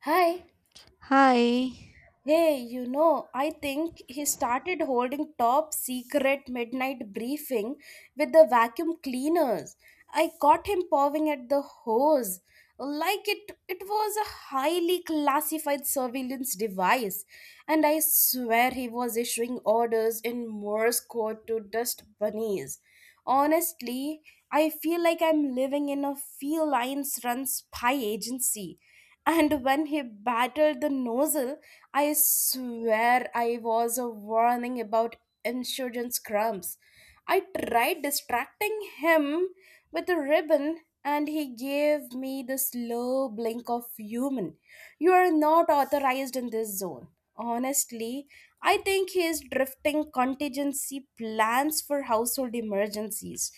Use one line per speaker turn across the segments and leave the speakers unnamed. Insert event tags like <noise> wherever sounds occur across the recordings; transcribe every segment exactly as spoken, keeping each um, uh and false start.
Hi.
Hi.
Hey, you know, I think he started holding top secret midnight briefing with the vacuum cleaners. I caught him pawing at the hose like it it was a highly classified surveillance device, and I swear he was issuing orders in Morse code to dust bunnies. Honestly, I feel like I'm living in a felines run spy agency. And when he battled the nozzle, I swear I was a warning about insurance crumbs. I tried distracting him with a ribbon, and he gave me the slow blink of human. You are not authorized in this zone. Honestly, I think he is drifting contingency plans for household emergencies.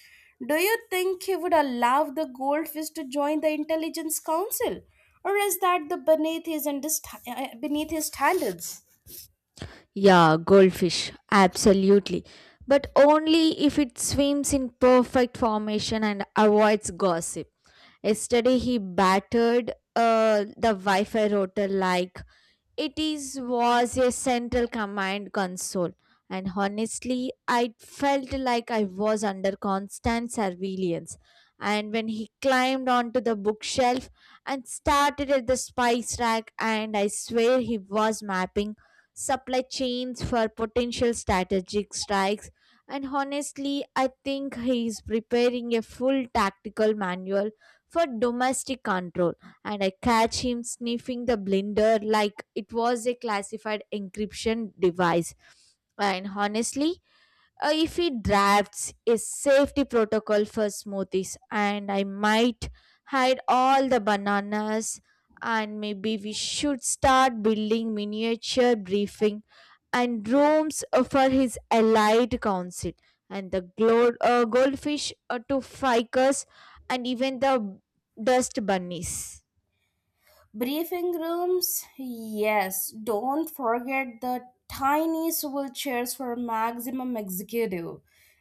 Do you think he would allow the goldfish to join the intelligence council, or is that the beneath his understa- uh, beneath his standards?
Yeah, goldfish, absolutely. But only if it swims in perfect formation and avoids gossip. Yesterday, he battered uh, the Wi Fi router like It is was a central command console, and honestly, I felt like I was under constant surveillance. And when he climbed onto the bookshelf and started at the spice rack, and I swear he was mapping supply chains for potential strategic strikes. And honestly, I think he is preparing a full tactical manual for domestic control, and I catch him sniffing the blender like it was a classified encryption device. And honestly, uh, if he drafts a safety protocol for smoothies, and I might hide all the bananas, and maybe we should start building miniature briefing and rooms uh, for his allied council and the glow- uh, goldfish uh, to ficus and even the dust bunnies.
Briefing rooms, yes, don't forget the tiny swivel chairs for maximum executive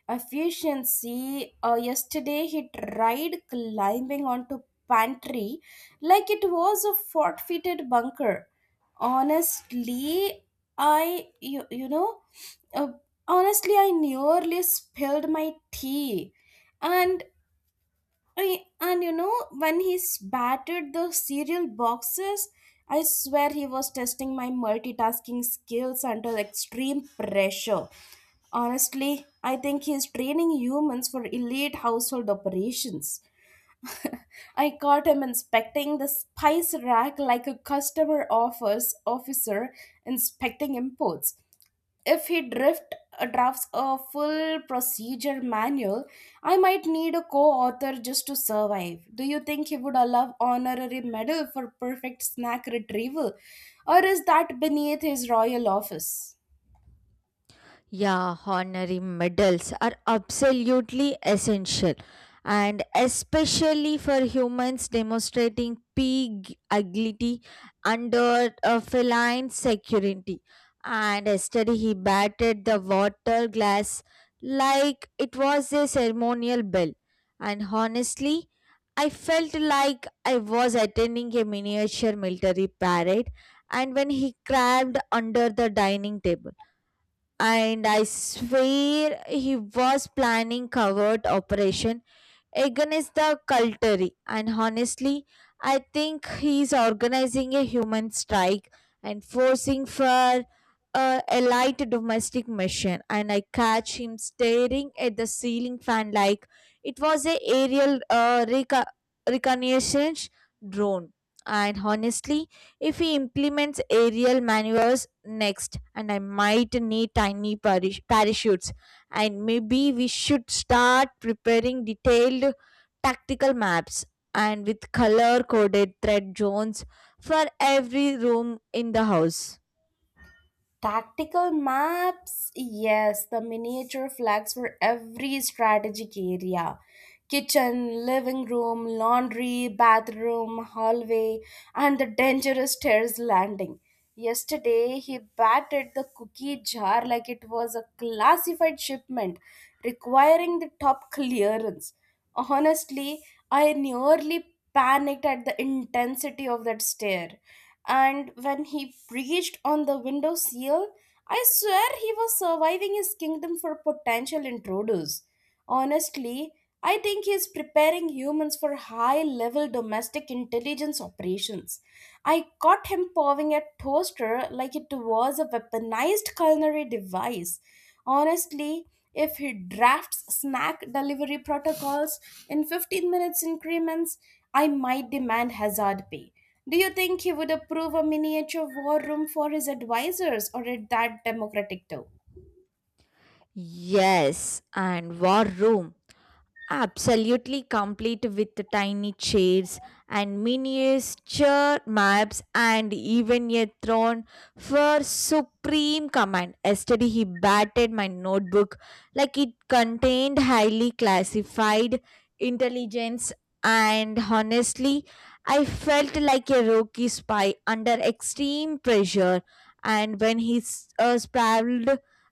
efficiency. Uh, yesterday, he tried climbing onto pantry like it was a fortified bunker. Honestly, I you, you know, uh, honestly, I nearly spilled my tea, and I, and you know, when he s- batted the cereal boxes, I swear he was testing my multitasking skills under extreme pressure. Honestly, I think he's training humans for elite household operations. I caught him inspecting the spice rack like a customer offers officer inspecting imports. If he drift uh, drafts a full procedure manual, I might need a co-author just to survive. Do you think he would allow honorary medal for perfect snack retrieval, or is that beneath his royal office?
Yeah, honorary medals are absolutely essential, and especially for humans demonstrating pig agility under a feline security. And yesterday he batted the water glass like it was a ceremonial bell. And honestly, I felt like I was attending a miniature military parade. And when he crawled under the dining table and I swear he was planning covert operation Egan is the cultary, and honestly, I think he's organizing a human strike and forcing for a, a light domestic mission. And I catch him staring at the ceiling fan like it was a aerial uh, reco- reconnaissance drone. And honestly, if he implements aerial maneuvers next, and I might need tiny parach- parachutes, and maybe we should start preparing detailed tactical maps and with color coded thread zones for every room in the house.
Tactical maps, yes, the miniature flags for every strategic area: kitchen, living room, laundry, bathroom, hallway, and the dangerous stairs landing. Yesterday, he batted the cookie jar like it was a classified shipment requiring the top clearance. Honestly, I nearly panicked at the intensity of that stare. And when he breached on the window seal, I swear he was surviving his kingdom for potential intruders. Honestly, I think he is preparing humans for high level domestic intelligence operations. I caught him pawing at toaster like it was a weaponized culinary device. Honestly, if he drafts snack delivery protocols in fifteen minutes increments, I might demand hazard pay. Do you think he would approve a miniature war room for his advisors, or at that democratic too?
Yes, and war room. Absolutely complete with tiny chairs and miniature maps and even a throne for supreme command. Yesterday he batted my notebook like it contained highly classified intelligence, and honestly I felt like a rookie spy under extreme pressure, and when he s- uh, sprawled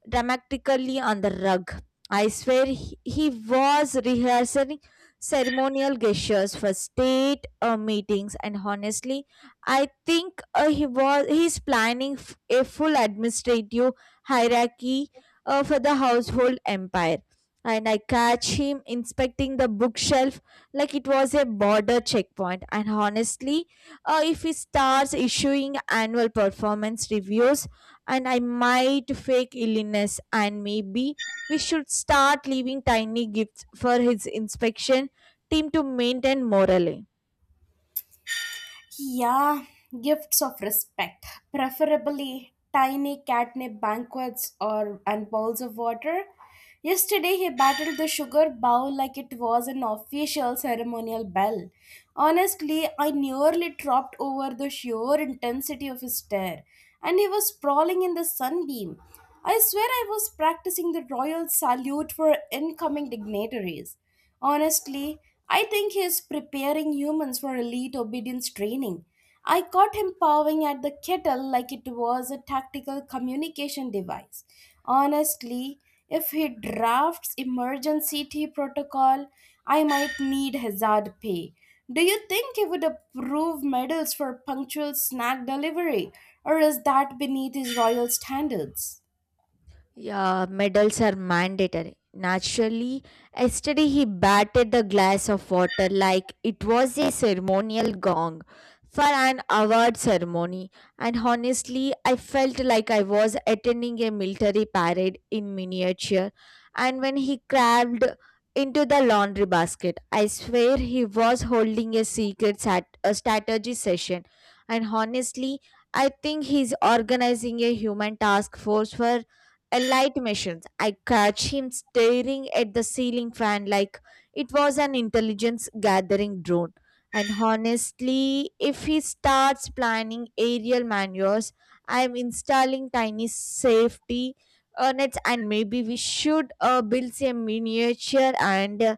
dramatically on the rug I swear he, he was rehearsing ceremonial gestures for state uh, meetings, and honestly, I think uh, he was he's planning f- a full administrative hierarchy uh, for the household empire. And I catch him inspecting the bookshelf like it was a border checkpoint. And honestly, uh, if he starts issuing annual performance reviews, and I might fake illness, and maybe we should start leaving tiny gifts for his inspection team to maintain morale.
Yeah, gifts of respect, preferably tiny catnip banquets or and bowls of water. Yesterday he battled the sugar bowl like it was an official ceremonial bell. Honestly, I nearly dropped over the sheer intensity of his stare, and he was sprawling in the sunbeam. I swear I was practicing the royal salute for incoming dignitaries. Honestly, I think he's preparing humans for elite obedience training. I caught him pawing at the kettle like it was a tactical communication device. Honestly, if he drafts emergency tea protocol, I might need hazard pay. Do you think he would approve medals for punctual snack delivery, or is that beneath his royal standards?
Yeah, medals are mandatory. Naturally, yesterday he batted the glass of water like it was a ceremonial gong for an award ceremony. And honestly, I felt like I was attending a military parade in miniature. And when he crawled into the laundry basket, I swear he was holding a secret sat- a strategy session. And honestly, I think he's organizing a human task force for a light machines. I catch him staring at the ceiling fan like it was an intelligence gathering drone. And honestly, if he starts planning aerial maneuvers, I am installing tiny safety uh, nets, and maybe we should uh, build a miniature and uh,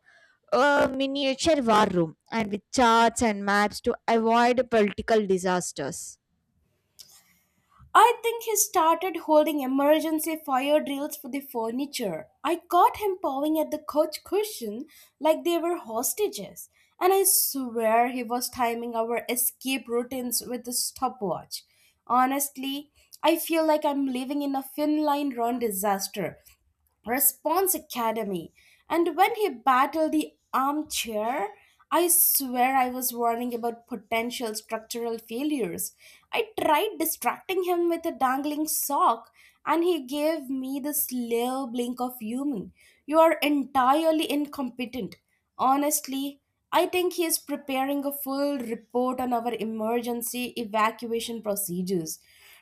a miniature war room, and with charts and maps to avoid political disasters.
I think he started holding emergency fire drills for the furniture. I caught him pawing at the couch cushion like they were hostages, and I swear he was timing our escape routines with a stopwatch. Honestly, I feel like I'm living in a Finline run disaster Response Academy. And when he battled the armchair, I swear I was warning about potential structural failures. I tried distracting him with a dangling sock, and he gave me the slow blink of human. You are entirely incompetent. Honestly, I think he is preparing a full report on our emergency evacuation procedures.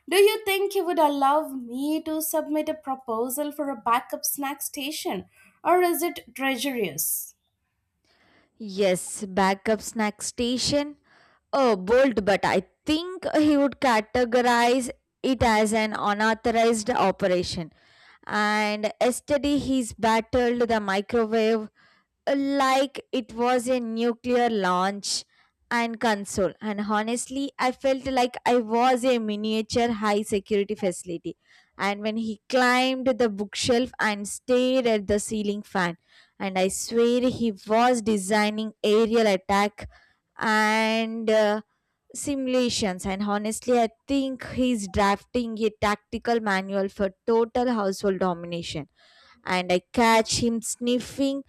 Do you think he would allow me to submit a proposal for a backup snack station, or is it treacherous?
Yes, backup snack station. Oh, bold, but I think he would categorize it as an unauthorized operation. And yesterday he's battled the microwave like it was a nuclear launch and console, and honestly I felt like I was a miniature high security facility. And when he climbed the bookshelf and stared at the ceiling fan, and I swear he was designing aerial attack and uh, simulations. And honestly, I think he's drafting a tactical manual for total household domination. And I catch him sniffing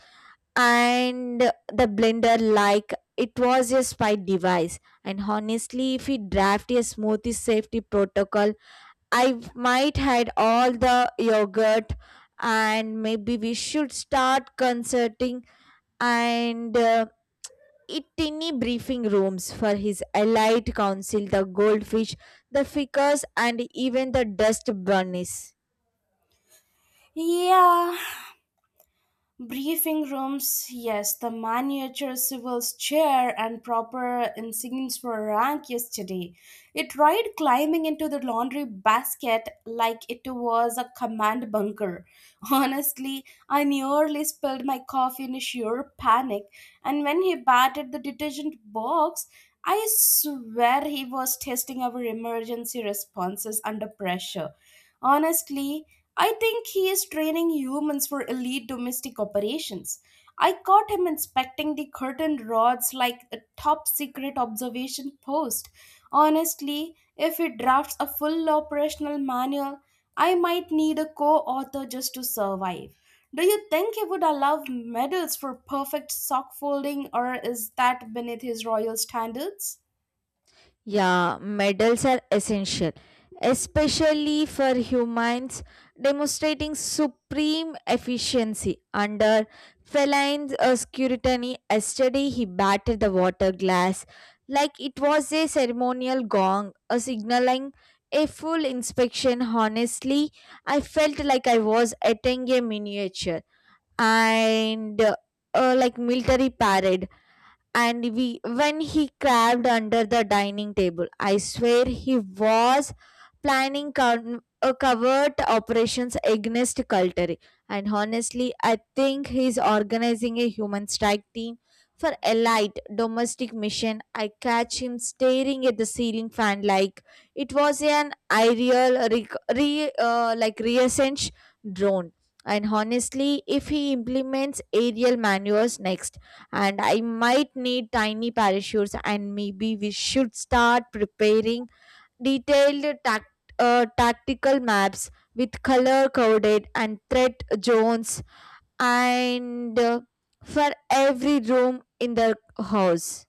and the blender like it was a spy device. And honestly, if we draft a smoothie safety protocol, I might hide all the yogurt, and maybe we should start concerting and uh, it tiny briefing rooms for his allied council, the goldfish, the ficus, and even the dust bunnies.
Yeah. Briefing rooms, yes, the miniature civil's chair and proper insigns for rank yesterday. It tried climbing into the laundry basket like it was a command bunker. <laughs> Honestly, I nearly spilled my coffee in sheer panic, and when he batted the detergent box, I swear he was testing our emergency responses under pressure. Honestly, I think he is training humans for elite domestic operations. I caught him inspecting the curtain rods like a top secret observation post. Honestly, if he drafts a full operational manual, I might need a co author just to survive. Do you think he would allow medals for perfect sock folding, or is that beneath his royal standards?
Yeah, medals are essential, especially for humans demonstrating supreme efficiency under feline uh, scrutiny. Yesterday, he batted the water glass like it was a ceremonial gong, a signaling a full inspection. Honestly, I felt like I was attending a miniature and uh, uh, like military parade. And we when he crawled under the dining table I swear he was planning con- uh, covert operations against Calteri. And honestly, I think he's organizing a human strike team for elite domestic mission. I catch him staring at the ceiling fan like it was an aerial re, re- uh, like reascent drone. And honestly, if he implements aerial maneuvers next, and I might need tiny parachutes, and maybe we should start preparing detailed tact, uh, tactical maps with color coded and threat zones and uh, for every room in the house.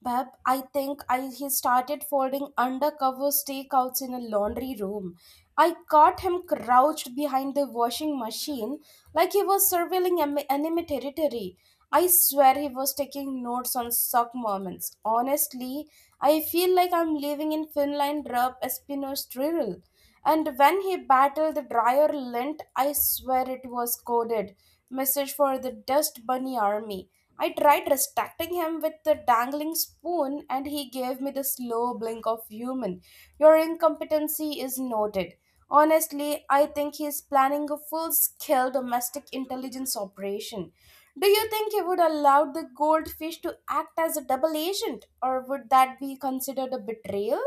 Bab, I think I he started folding undercover stakeouts in a laundry room. I caught him crouched behind the washing machine like he was surveilling em- enemy territory. I swear he was taking notes on suck moments. Honestly, I feel like I'm living in Finland rub Espino's drill. And when he battled the drier lint, I swear it was coded. Message for the dust bunny army. I tried distracting him with the dangling spoon, and he gave me the slow blink of human. Your incompetency is noted. Honestly, I think he's planning a full scale domestic intelligence operation. Do you think he would allow the goldfish to act as a double agent, or would that be considered a betrayal?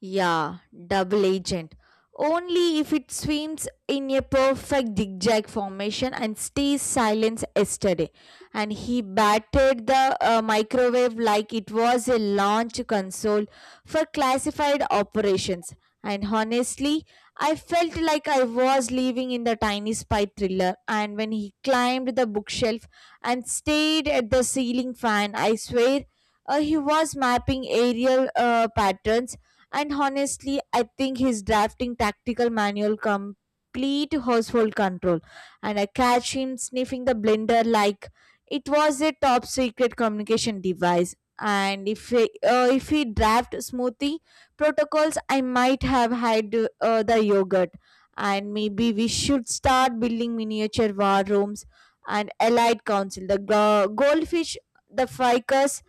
Yeah, double agent. Only if it swims in a perfect zigzag formation and stays silent yesterday. And he battered the uh, microwave like it was a launch console for classified operations. And honestly, I felt like I was living in the tiny spy thriller. And when he climbed the bookshelf and stayed at the ceiling fan, I swear uh, he was mapping aerial uh, patterns. And honestly, I think he's drafting tactical manual complete household control. And I catch him sniffing the blender like it was a top secret communication device. And if he, uh, if he draft smoothie protocols, I might have had uh, the yogurt. And maybe we should start building miniature war rooms and allied council. The go- goldfish, the ficus,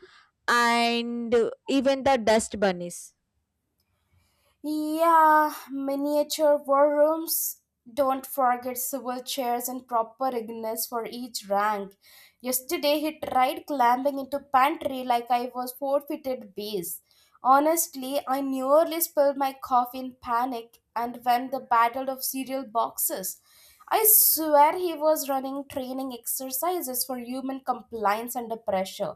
and even the dust bunnies.
Yeah, miniature war rooms. Don't forget swivel chairs and proper ignis for each rank. Yesterday he tried climbing into pantry like I was forfeited base. Honestly, I nearly spilled my coffee in panic and won the battle of cereal boxes. I swear he was running training exercises for human compliance under pressure.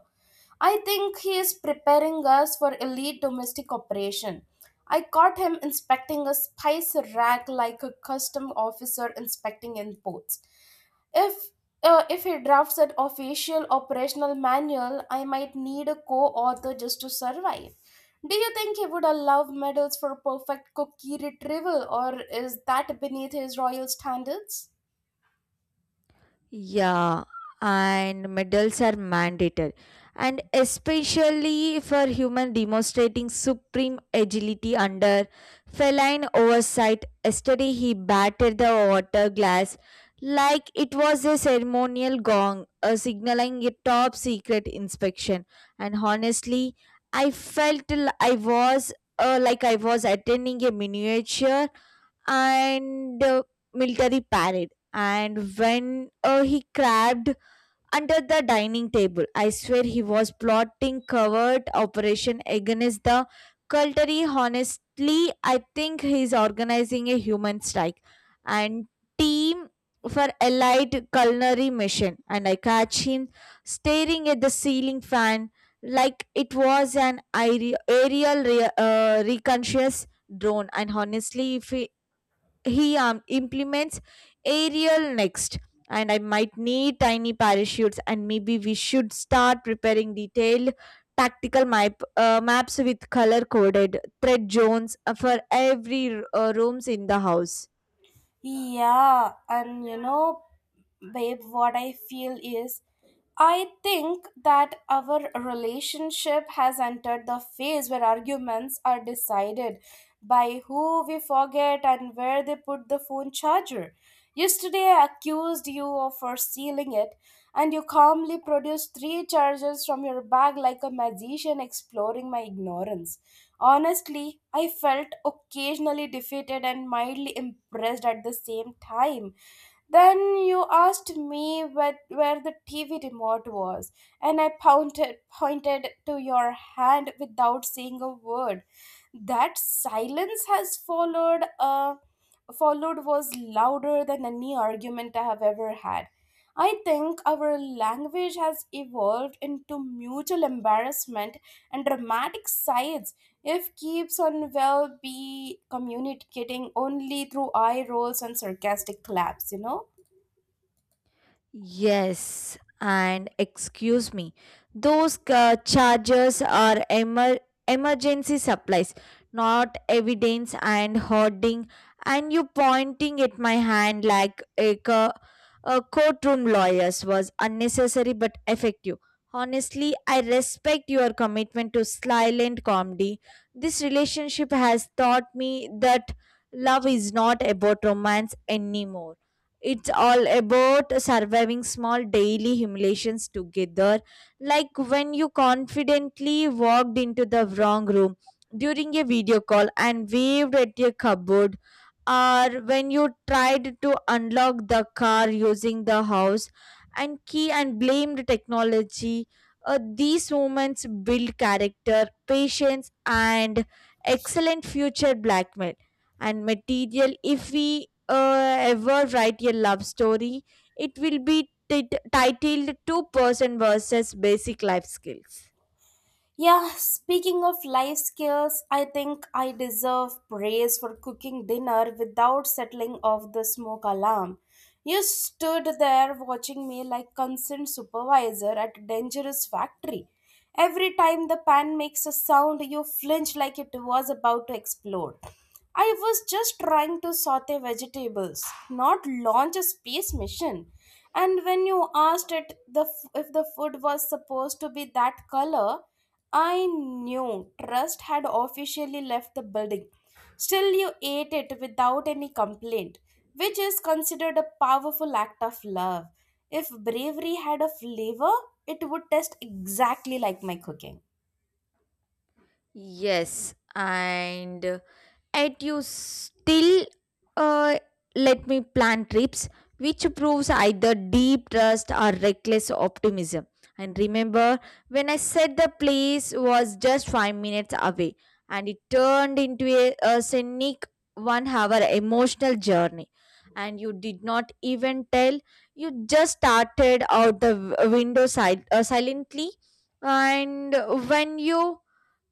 I think he is preparing us for elite domestic operation. I caught him inspecting a spice rack like a custom officer inspecting imports. If uh, if he drafts an official operational manual, I might need a co-author just to survive. Do you think he would allow medals for perfect cookie retrieval, or is that beneath his royal standards?
Yeah, and medals are mandated, and especially for human demonstrating supreme agility under feline oversight. Yesterday, he batted the water glass like it was a ceremonial gong, uh, signaling a top secret inspection. And honestly, I felt l- I was. Uh, like I was attending a miniature and uh, military parade. And when uh, he crabbed under the dining table, I swear he was plotting covert operation against the cultry. Honestly, I think he's organizing a human strike and team for allied culinary mission. And I catch him staring at the ceiling fan like it was an aere- aerial re- uh, reconscious drone. And honestly, if he he um, implements aerial next, and I might need tiny parachutes, and maybe we should start preparing detailed tactical map uh, maps with color coded thread zones uh, for every uh, rooms in the house.
Yeah, and you know, babe, what I feel is I think that our relationship has entered the phase where arguments are decided by who we forget and where they put the phone charger. Yesterday, I accused you of for stealing it, and you calmly produced three chargers from your bag like a magician exploring my ignorance. Honestly, I felt occasionally defeated and mildly impressed at the same time. Then you asked me where, where the T V remote was, and I pointed, pointed to your hand without saying a word. That silence has followed, uh, followed was louder than any argument I have ever had. I think our language has evolved into mutual embarrassment and dramatic sides. If keeps on well be communicating only through eye rolls and sarcastic claps, you know?
Yes, and excuse me, those ca- chargers are emer- emergency supplies, not evidence and hoarding. And you pointing at my hand like a, co- a courtroom lawyer's was unnecessary but effective. Honestly, I respect your commitment to silent comedy. This relationship has taught me that love is not about romance anymore. It's all about surviving small daily humiliations together, like when you confidently walked into the wrong room during a video call and waved at a cupboard, or when you tried to unlock the car using the house and key and blamed technology. Uh, these moments build character, patience, and excellent future blackmail and material. If we uh, ever write a love story, it will be tit titled Two Person versus Basic Life Skills.
Yeah, speaking of life skills, I think I deserve praise for cooking dinner without settling off the smoke alarm. You stood there watching me like concerned supervisor at a dangerous factory. Every time the pan makes a sound, you flinch like it was about to explode. I was just trying to saute vegetables, not launch a space mission. And when you asked it the f- if the food was supposed to be that color, I knew Trust had officially left the building. Still, you ate it without any complaint, which is considered a powerful act of love. If bravery had a flavor, it would taste exactly like my cooking.
Yes, and uh, yet you still uh, let me plan trips, which proves either deep trust or reckless optimism. And remember, when I said the place was just five minutes away, and it turned into a, a scenic one hour emotional journey. And you did not even tell, you just started out the w- window side, uh, silently. And when you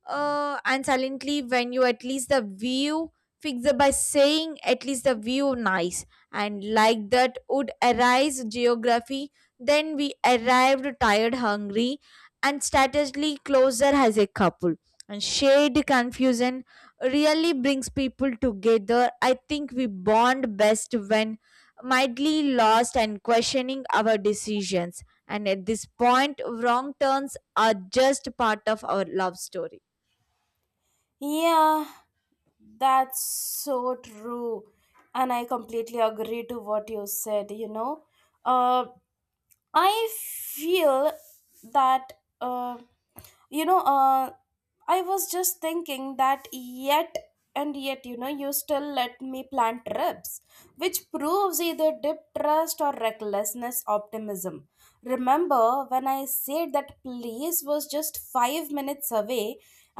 uh, and silently When you at least the view fixer by saying at least the view nice, and like that would arise geography. Then we arrived tired, hungry, and strategically closer as a couple. And shade confusion really brings people together. I think we bond best when mildly lost and questioning our decisions, and at this point wrong turns are just part of our love story.
Yeah, that's so true. And I completely agree to what you said, you know. Uh, I feel that. Uh, you know uh, I was just thinking that yet and yet, you know, you still let me plan trips, which proves either deep trust or recklessness optimism. Remember when I said that place was just five minutes away,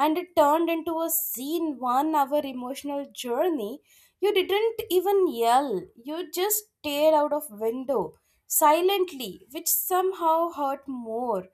and it turned into a scene one hour emotional journey. You didn't even yell, you just stared out of window silently, which somehow hurt more.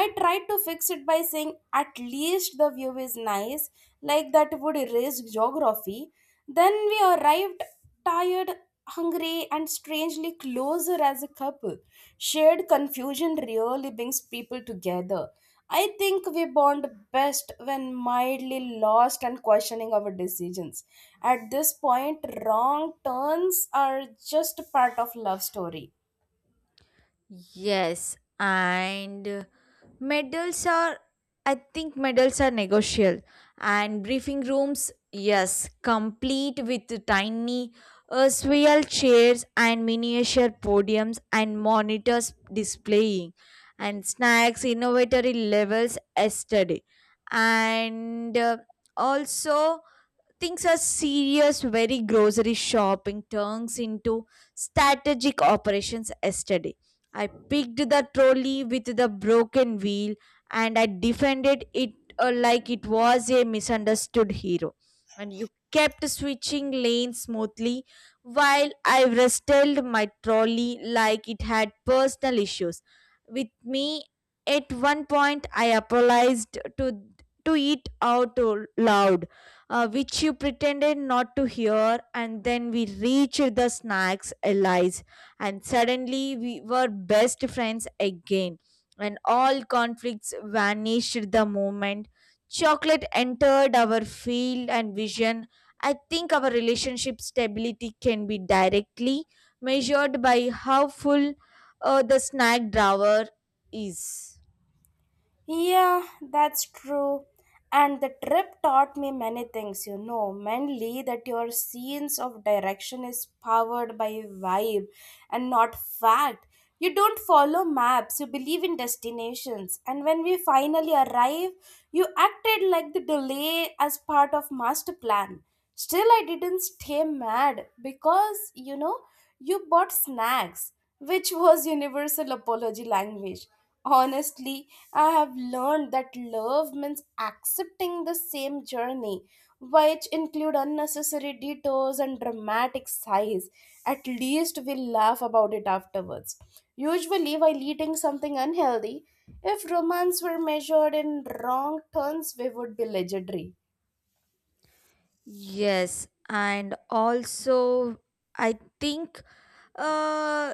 I tried to fix it by saying at least the view is nice, like that would erase geography. Then we arrived tired, hungry, and strangely closer as a couple. Shared confusion really brings people together. I think we bond best when mildly lost and questioning our decisions. At this point, wrong turns are just a part of love story.
Yes, and medals are, I think medals are negotiable. And briefing rooms, yes, complete with tiny uh, swivel chairs and miniature podiums and monitors displaying and snacks, innovatory levels yesterday. And uh, also, things are serious very. Grocery shopping turns into strategic operations. Yesterday I picked the trolley with the broken wheel, and I defended it uh, like it was a misunderstood hero, and you kept switching lanes smoothly while I wrestled my trolley like it had personal issues with me. At one point I apologized to to it out loud, uh, which you pretended not to hear, and then we reached the snacks, allies, and suddenly we were best friends again. And all conflicts vanished the moment chocolate entered our field and vision. I think our relationship stability can be directly measured by how full uh, the snack drawer is.
Yeah, that's true. And the trip taught me many things, you know, mainly that your sense of direction is powered by vibe and not fact. You don't follow maps, you believe in destinations. And when we finally arrive, you acted like the delay as part of master plan. Still, I didn't stay mad because, you know, you bought snacks, which <laughs> was universal apology language. Honestly, I have learned that love means accepting the same journey, which include unnecessary detours and dramatic sighs. At least we'll laugh about it afterwards. Usually, while eating something unhealthy, if romance were measured in wrong turns, we would be legendary.
Yes, and also I think 呃，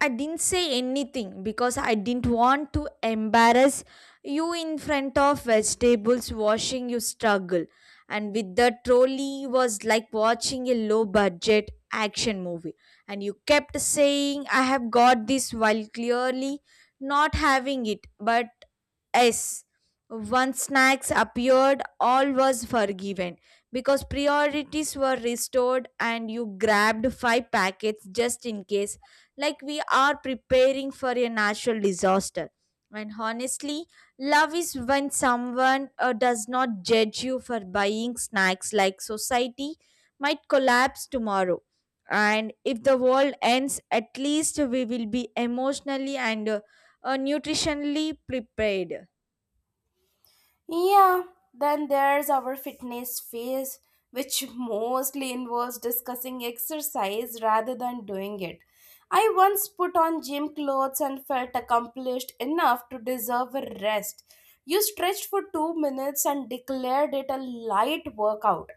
I didn't say anything because I didn't want to embarrass you in front of vegetables watching you struggle. And with the trolley was like watching a low budget action movie. And you kept saying, "I have got this," while clearly not having it. But yes, once snacks appeared, all was forgiven because priorities were restored and you grabbed five packets just in case, like we are preparing for a natural disaster. And honestly, love is when someone uh, does not judge you for buying snacks like society might collapse tomorrow. And if the world ends, at least we will be emotionally and uh, uh, nutritionally prepared.
Yeah, then there's our fitness phase, which mostly involves discussing exercise rather than doing it. I once put on gym clothes and felt accomplished enough to deserve a rest. You stretched for two minutes and declared it a light workout.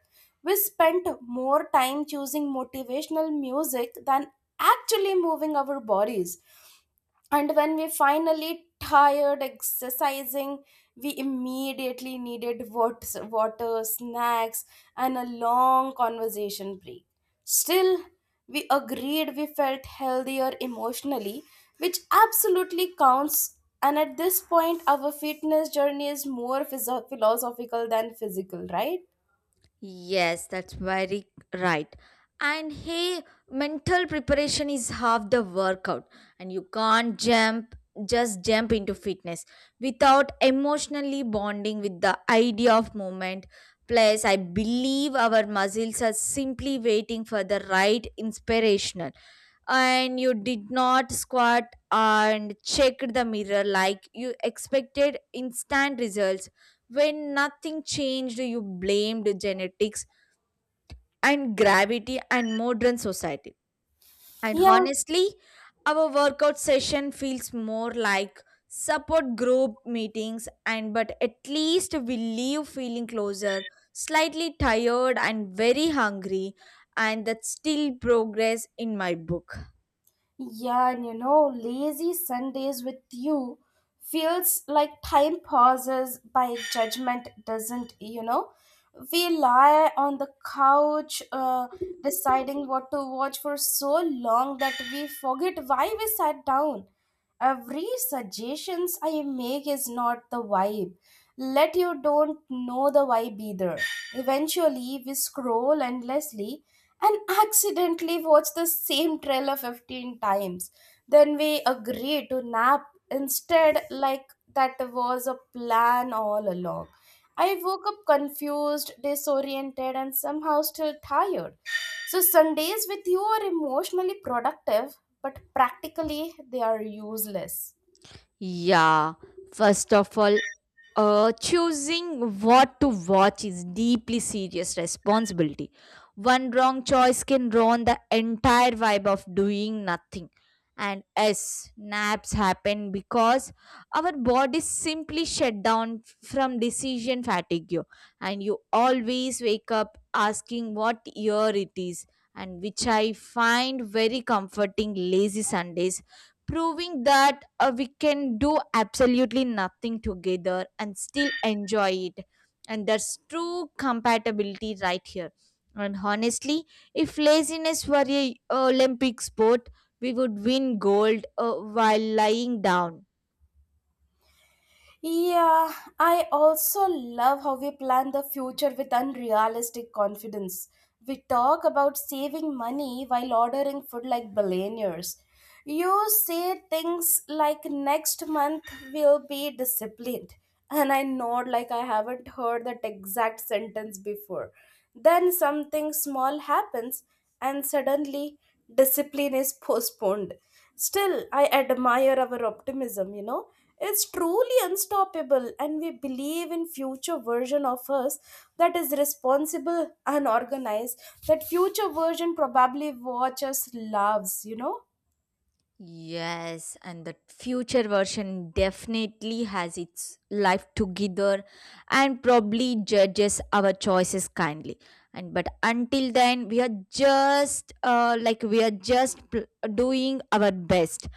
We spent more time choosing motivational music than actually moving our bodies, and when we finally tired exercising, we immediately needed wat- water, snacks, and a long conversation break. Still, we agreed we felt healthier emotionally, which absolutely counts, and at this point our fitness journey is more physio- philosophical than physical, right?
Yes, that's very right. And hey, mental preparation is half the workout, and you can't jump just jump into fitness without emotionally bonding with the idea of movement. Plus, I believe our muscles are simply waiting for the right inspirational. And you did not squat and check the mirror like you expected instant results. When nothing changed, you blamed genetics and gravity and modern society. And
Yeah.
honestly, our workout session feels more like support group meetings, and but at least we leave feeling closer, slightly tired and very hungry, and that's still progress in my book.
Yeah, and you know, lazy Sundays with you feels like time pauses by judgment doesn't, you know. We lie on the couch, uh, deciding what to watch for so long that we forget why we sat down. Every suggestions I make is not the vibe. Let you don't know the vibe either. Eventually, we scroll endlessly and accidentally watch the same trailer fifteen times. Then we agree to nap instead, like that was a plan all along. I woke up confused, disoriented, and somehow still tired. So, Sundays with you are emotionally productive, but practically they are useless.
Yeah, first of all, uh, choosing what to watch is deeply serious responsibility. One wrong choice can ruin the entire vibe of doing nothing. And yes, naps happen because our bodies simply shut down from decision fatigue. And you always wake up asking what year it is, and which I find very comforting. Lazy Sundays proving that uh, we can do absolutely nothing together and still enjoy it. And that's true compatibility right here. And honestly, if laziness were a Olympic sport, we would win gold, uh, while lying down.
Yeah, I also love how we plan the future with unrealistic confidence. We talk about saving money while ordering food like billionaires. You say things like next month will be disciplined, and I nod like I haven't heard that exact sentence before. Then something small happens, and suddenly discipline is postponed. Still, I admire our optimism, you know. It's truly unstoppable, and we believe in future version of us that is responsible and organized. That future version probably watch us loves, you know
Yes, and the future version definitely has its life together and probably judges our choices kindly. And but until then, we are just uh, like we are just pl- doing our best,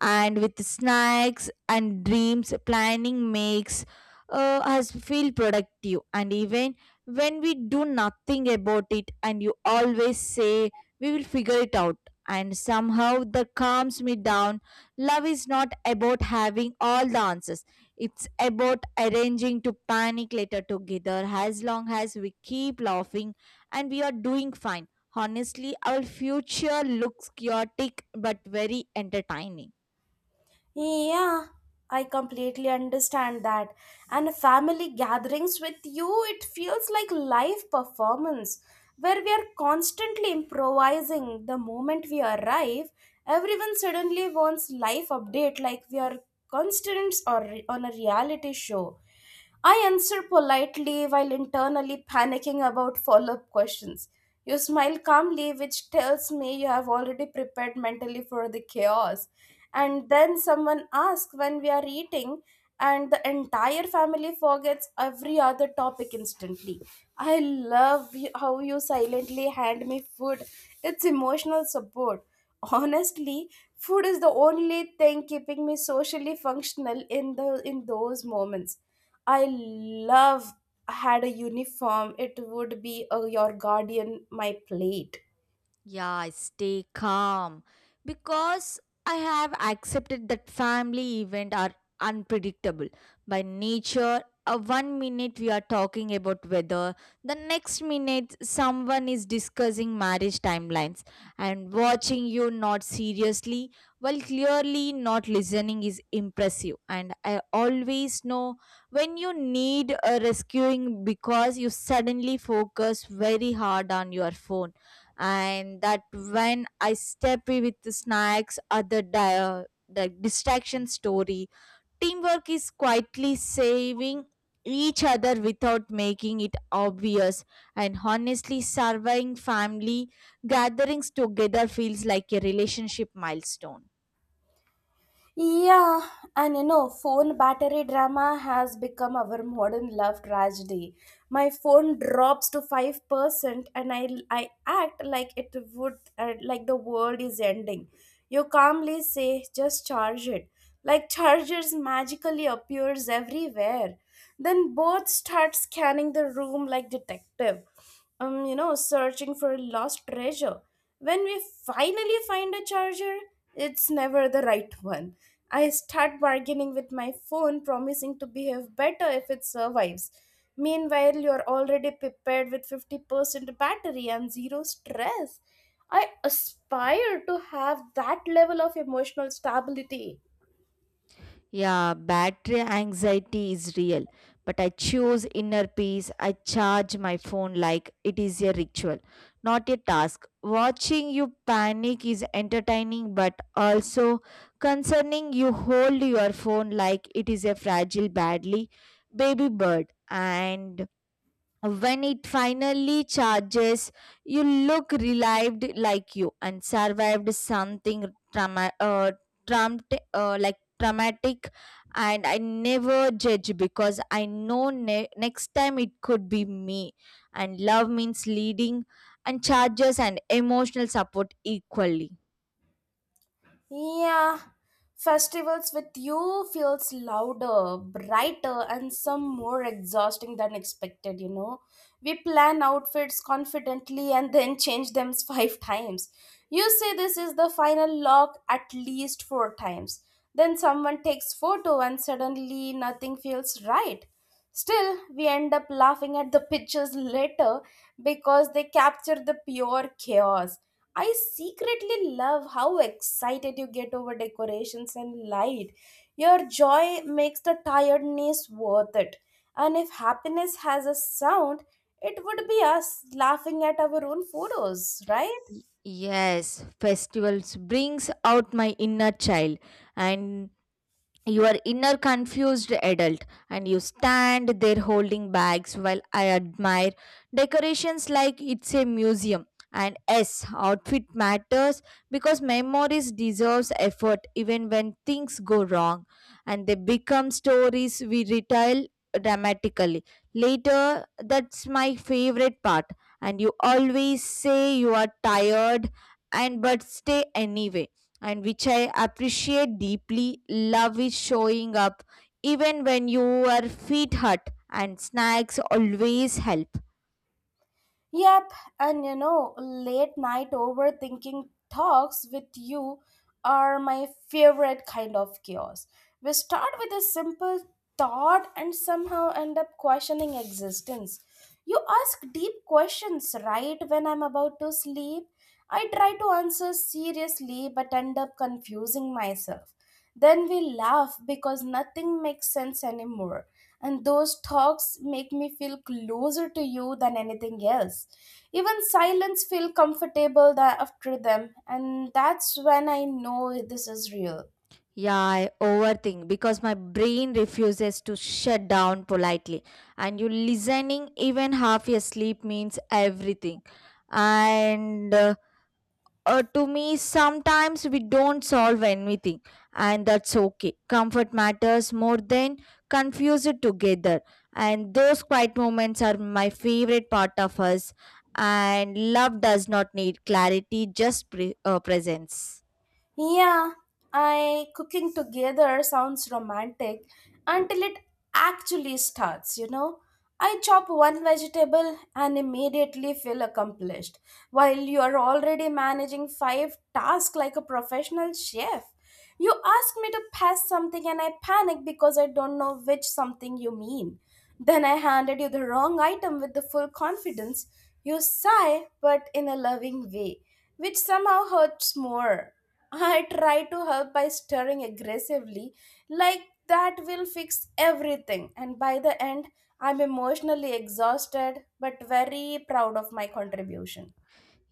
and with snacks and dreams, planning makes uh, us feel productive. And even when we do nothing about it, and you always say we will figure it out. And somehow that calms me down. Love is not about having all the answers, it's about arranging to panic later together. As long as we keep laughing and we are doing fine. Honestly, our future looks chaotic but very entertaining.
Yeah, I completely understand that. And family gatherings with you, it feels like live performance where we are constantly improvising the moment we arrive. Everyone suddenly wants life update like we are constants or on a reality show. I answer politely while internally panicking about follow up questions. You smile calmly, which tells me you have already prepared mentally for the chaos. And then someone asks when we are eating, and the entire family forgets every other topic instantly. I love you- how you silently hand me food, it's emotional support. Honestly, food is the only thing keeping me socially functional in the in those moments. I love had a uniform, it would be a, your guardian, my plate.
Yeah, I stay calm because I have accepted that family events are unpredictable by nature. Uh, one minute we are talking about weather, the next minute someone is discussing marriage timelines, and watching you not seriously while clearly not listening is impressive. And I always know when you need a rescuing because you suddenly focus very hard on your phone, and that when I step in with the snacks or the di- the distraction story, teamwork is quietly saving each other without making it obvious. And honestly, surviving family gatherings together feels like a relationship milestone.
Yeah, and you know, phone battery drama has become our modern love tragedy. My phone drops to five percent, and I I act like it would uh, like the world is ending. You calmly say, "Just charge it." Like chargers magically appears everywhere. Then both start scanning the room like detective. Um, you know, searching for lost treasure. When we finally find a charger, it's never the right one. I start bargaining with my phone, promising to behave better if it survives. Meanwhile, you're already prepared with fifty percent battery and zero stress. I aspire to have that level of emotional stability.
Yeah, battery anxiety is real, but I choose inner peace. I charge my phone like it is a ritual, not a task. Watching you panic is entertaining, but also concerning. You hold your phone like it is a fragile, badly baby bird. And when it finally charges, you look relieved like you and survived something trauma, uh, trumped, uh, like traumatic. And I never judge because I know ne- next time it could be me. And love means leading and charges and emotional support equally.
Yeah, festivals with you feels louder, brighter, and some more exhausting than expected, you know. We plan outfits confidently and then change them <laughs> five times. You say this is the final lock at least four times. Then someone takes photo and suddenly nothing feels right. Still, we end up laughing at the pictures later because they capture the pure chaos. I secretly love how excited you get over decorations and light. Your joy makes the tiredness worth it. And if happiness has a sound, it would be us laughing at our own photos, right?
Y- Yes, festivals brings out my inner child, and you are inner confused adult, and you stand there holding bags while I admire decorations like it's a museum. And yes, outfit matters because memories deserves effort even when things go wrong, and they become stories we retell dramatically later, that's my favorite part. And you always say you are tired and but stay anyway, and which I appreciate deeply. Love is showing up even when you are feet hurt, and snacks always help.
Yep, and you know, late night overthinking talks with you are my favorite kind of chaos. We start with a simple thought and somehow end up questioning existence. You ask deep questions right when I'm about to sleep. I try to answer seriously but end up confusing myself. Then we laugh because nothing makes sense anymore. And those talks make me feel closer to you than anything else. Even silence feel comfortable tha- after them, and that's when I know this is real.
Yeah, I overthink because my brain refuses to shut down politely, and you listening even half your sleep means everything. And uh, uh, to me sometimes we don't solve anything, and that's okay. Comfort matters more than confuse it together, and those quiet moments are my favorite part of us, and love does not need clarity, just pre- uh, presence.
Yeah, I cooking together sounds romantic until it actually starts, you know. I chop one vegetable and immediately feel accomplished, while you are already managing five tasks like a professional chef. You asked me to pass something and I panicked because I don't know which something you mean. Then I handed you the wrong item with the full confidence. You sigh, but in a loving way, which somehow hurts more. I try to help by stirring aggressively, like that will fix everything, and by the end, I'm emotionally exhausted but very proud of my contribution.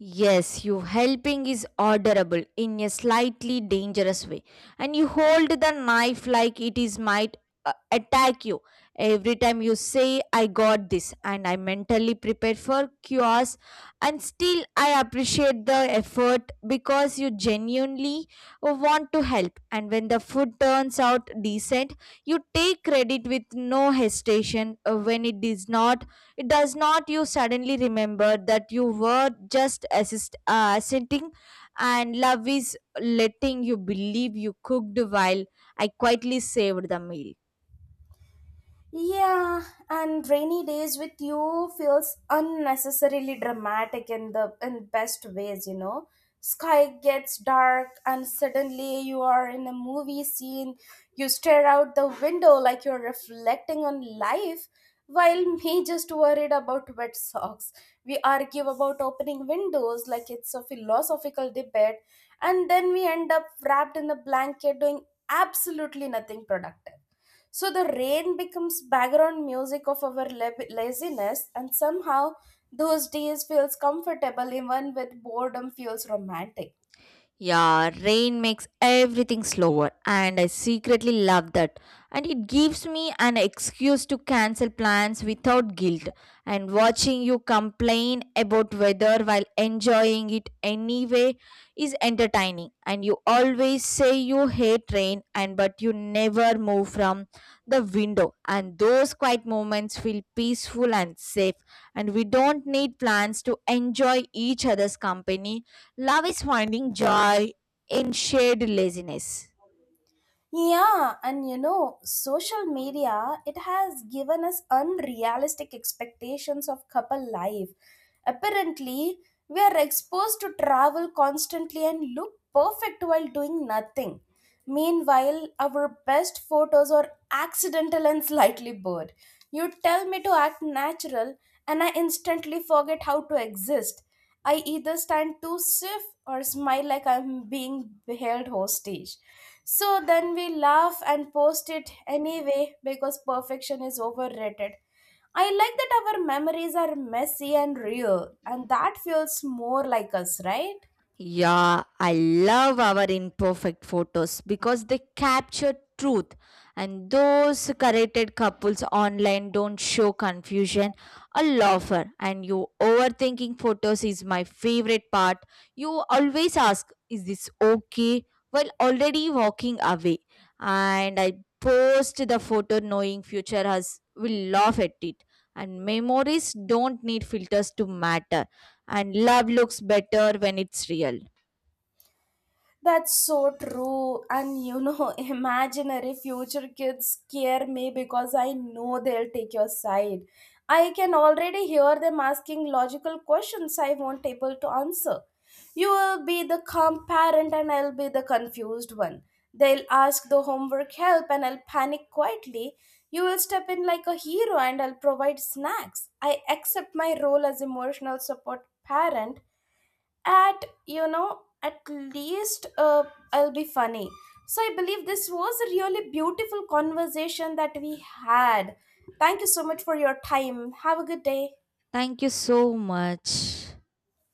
Yes, you helping is orderable in a slightly dangerous way, and you hold the knife like it is might uh, attack you. Every time you say, "I got this," and I mentally prepare for chaos, and still I appreciate the effort because you genuinely want to help. And when the food turns out decent, you take credit with no hesitation. Uh, When it is not, it does not. You suddenly remember that you were just assist, uh, assenting, and love is letting you believe you cooked while I quietly saved the meal.
Yeah, and rainy days with you feels unnecessarily dramatic in the in best ways, you know. Sky gets dark and suddenly you are in a movie scene. You stare out the window like you're reflecting on life while <laughs> me just worried about wet socks. We argue about opening windows like it's a philosophical debate, and then we end up wrapped in a blanket doing absolutely nothing productive. So the rain becomes background music of our lab- laziness, and somehow those days feels comfortable even with boredom feels romantic.
Yeah, rain makes everything slower, and I secretly love that. And it gives me an excuse to cancel plans without guilt. And watching you complain about weather while enjoying it anyway is entertaining. And you always say you hate rain, and but you never move from the window. And those quiet moments feel peaceful and safe. And we don't need plans to enjoy each other's company. Love is finding joy in shared laziness.
Yeah, and you know, social media, it has given us unrealistic expectations of couple life. Apparently, we are exposed to travel constantly and look perfect while doing nothing. Meanwhile, our best photos are accidental and slightly blurred. You tell me to act natural, and I instantly forget how to exist. I either stand too stiff or smile like I'm being held hostage, so then we laugh and post it anyway because perfection is overrated. I like that our memories are messy and real, and that feels more like us, right?
Yeah, I love our imperfect photos because they capture truth, and those curated couples online don't show confusion or laughter. And you overthinking photos is my favorite part. You always ask, "Is this okay?" while already walking away. And I post the photo knowing future us will laugh at it. And memories don't need filters to matter, and love looks better when it's real.
That's so true. And you know, <laughs> imaginary future kids scare me because I know they'll take your side. I can already hear them asking logical questions I won't able to answer. You will be the calm parent and I'll be the confused one. They'll ask the homework help and I'll panic quietly. You will step in like a hero and I'll provide snacks. I accept my role as emotional support parent at you know at least, uh, I'll be funny. So I believe this was a really beautiful conversation that we had. Thank you so much for your time, have a good day.
Thank you so much.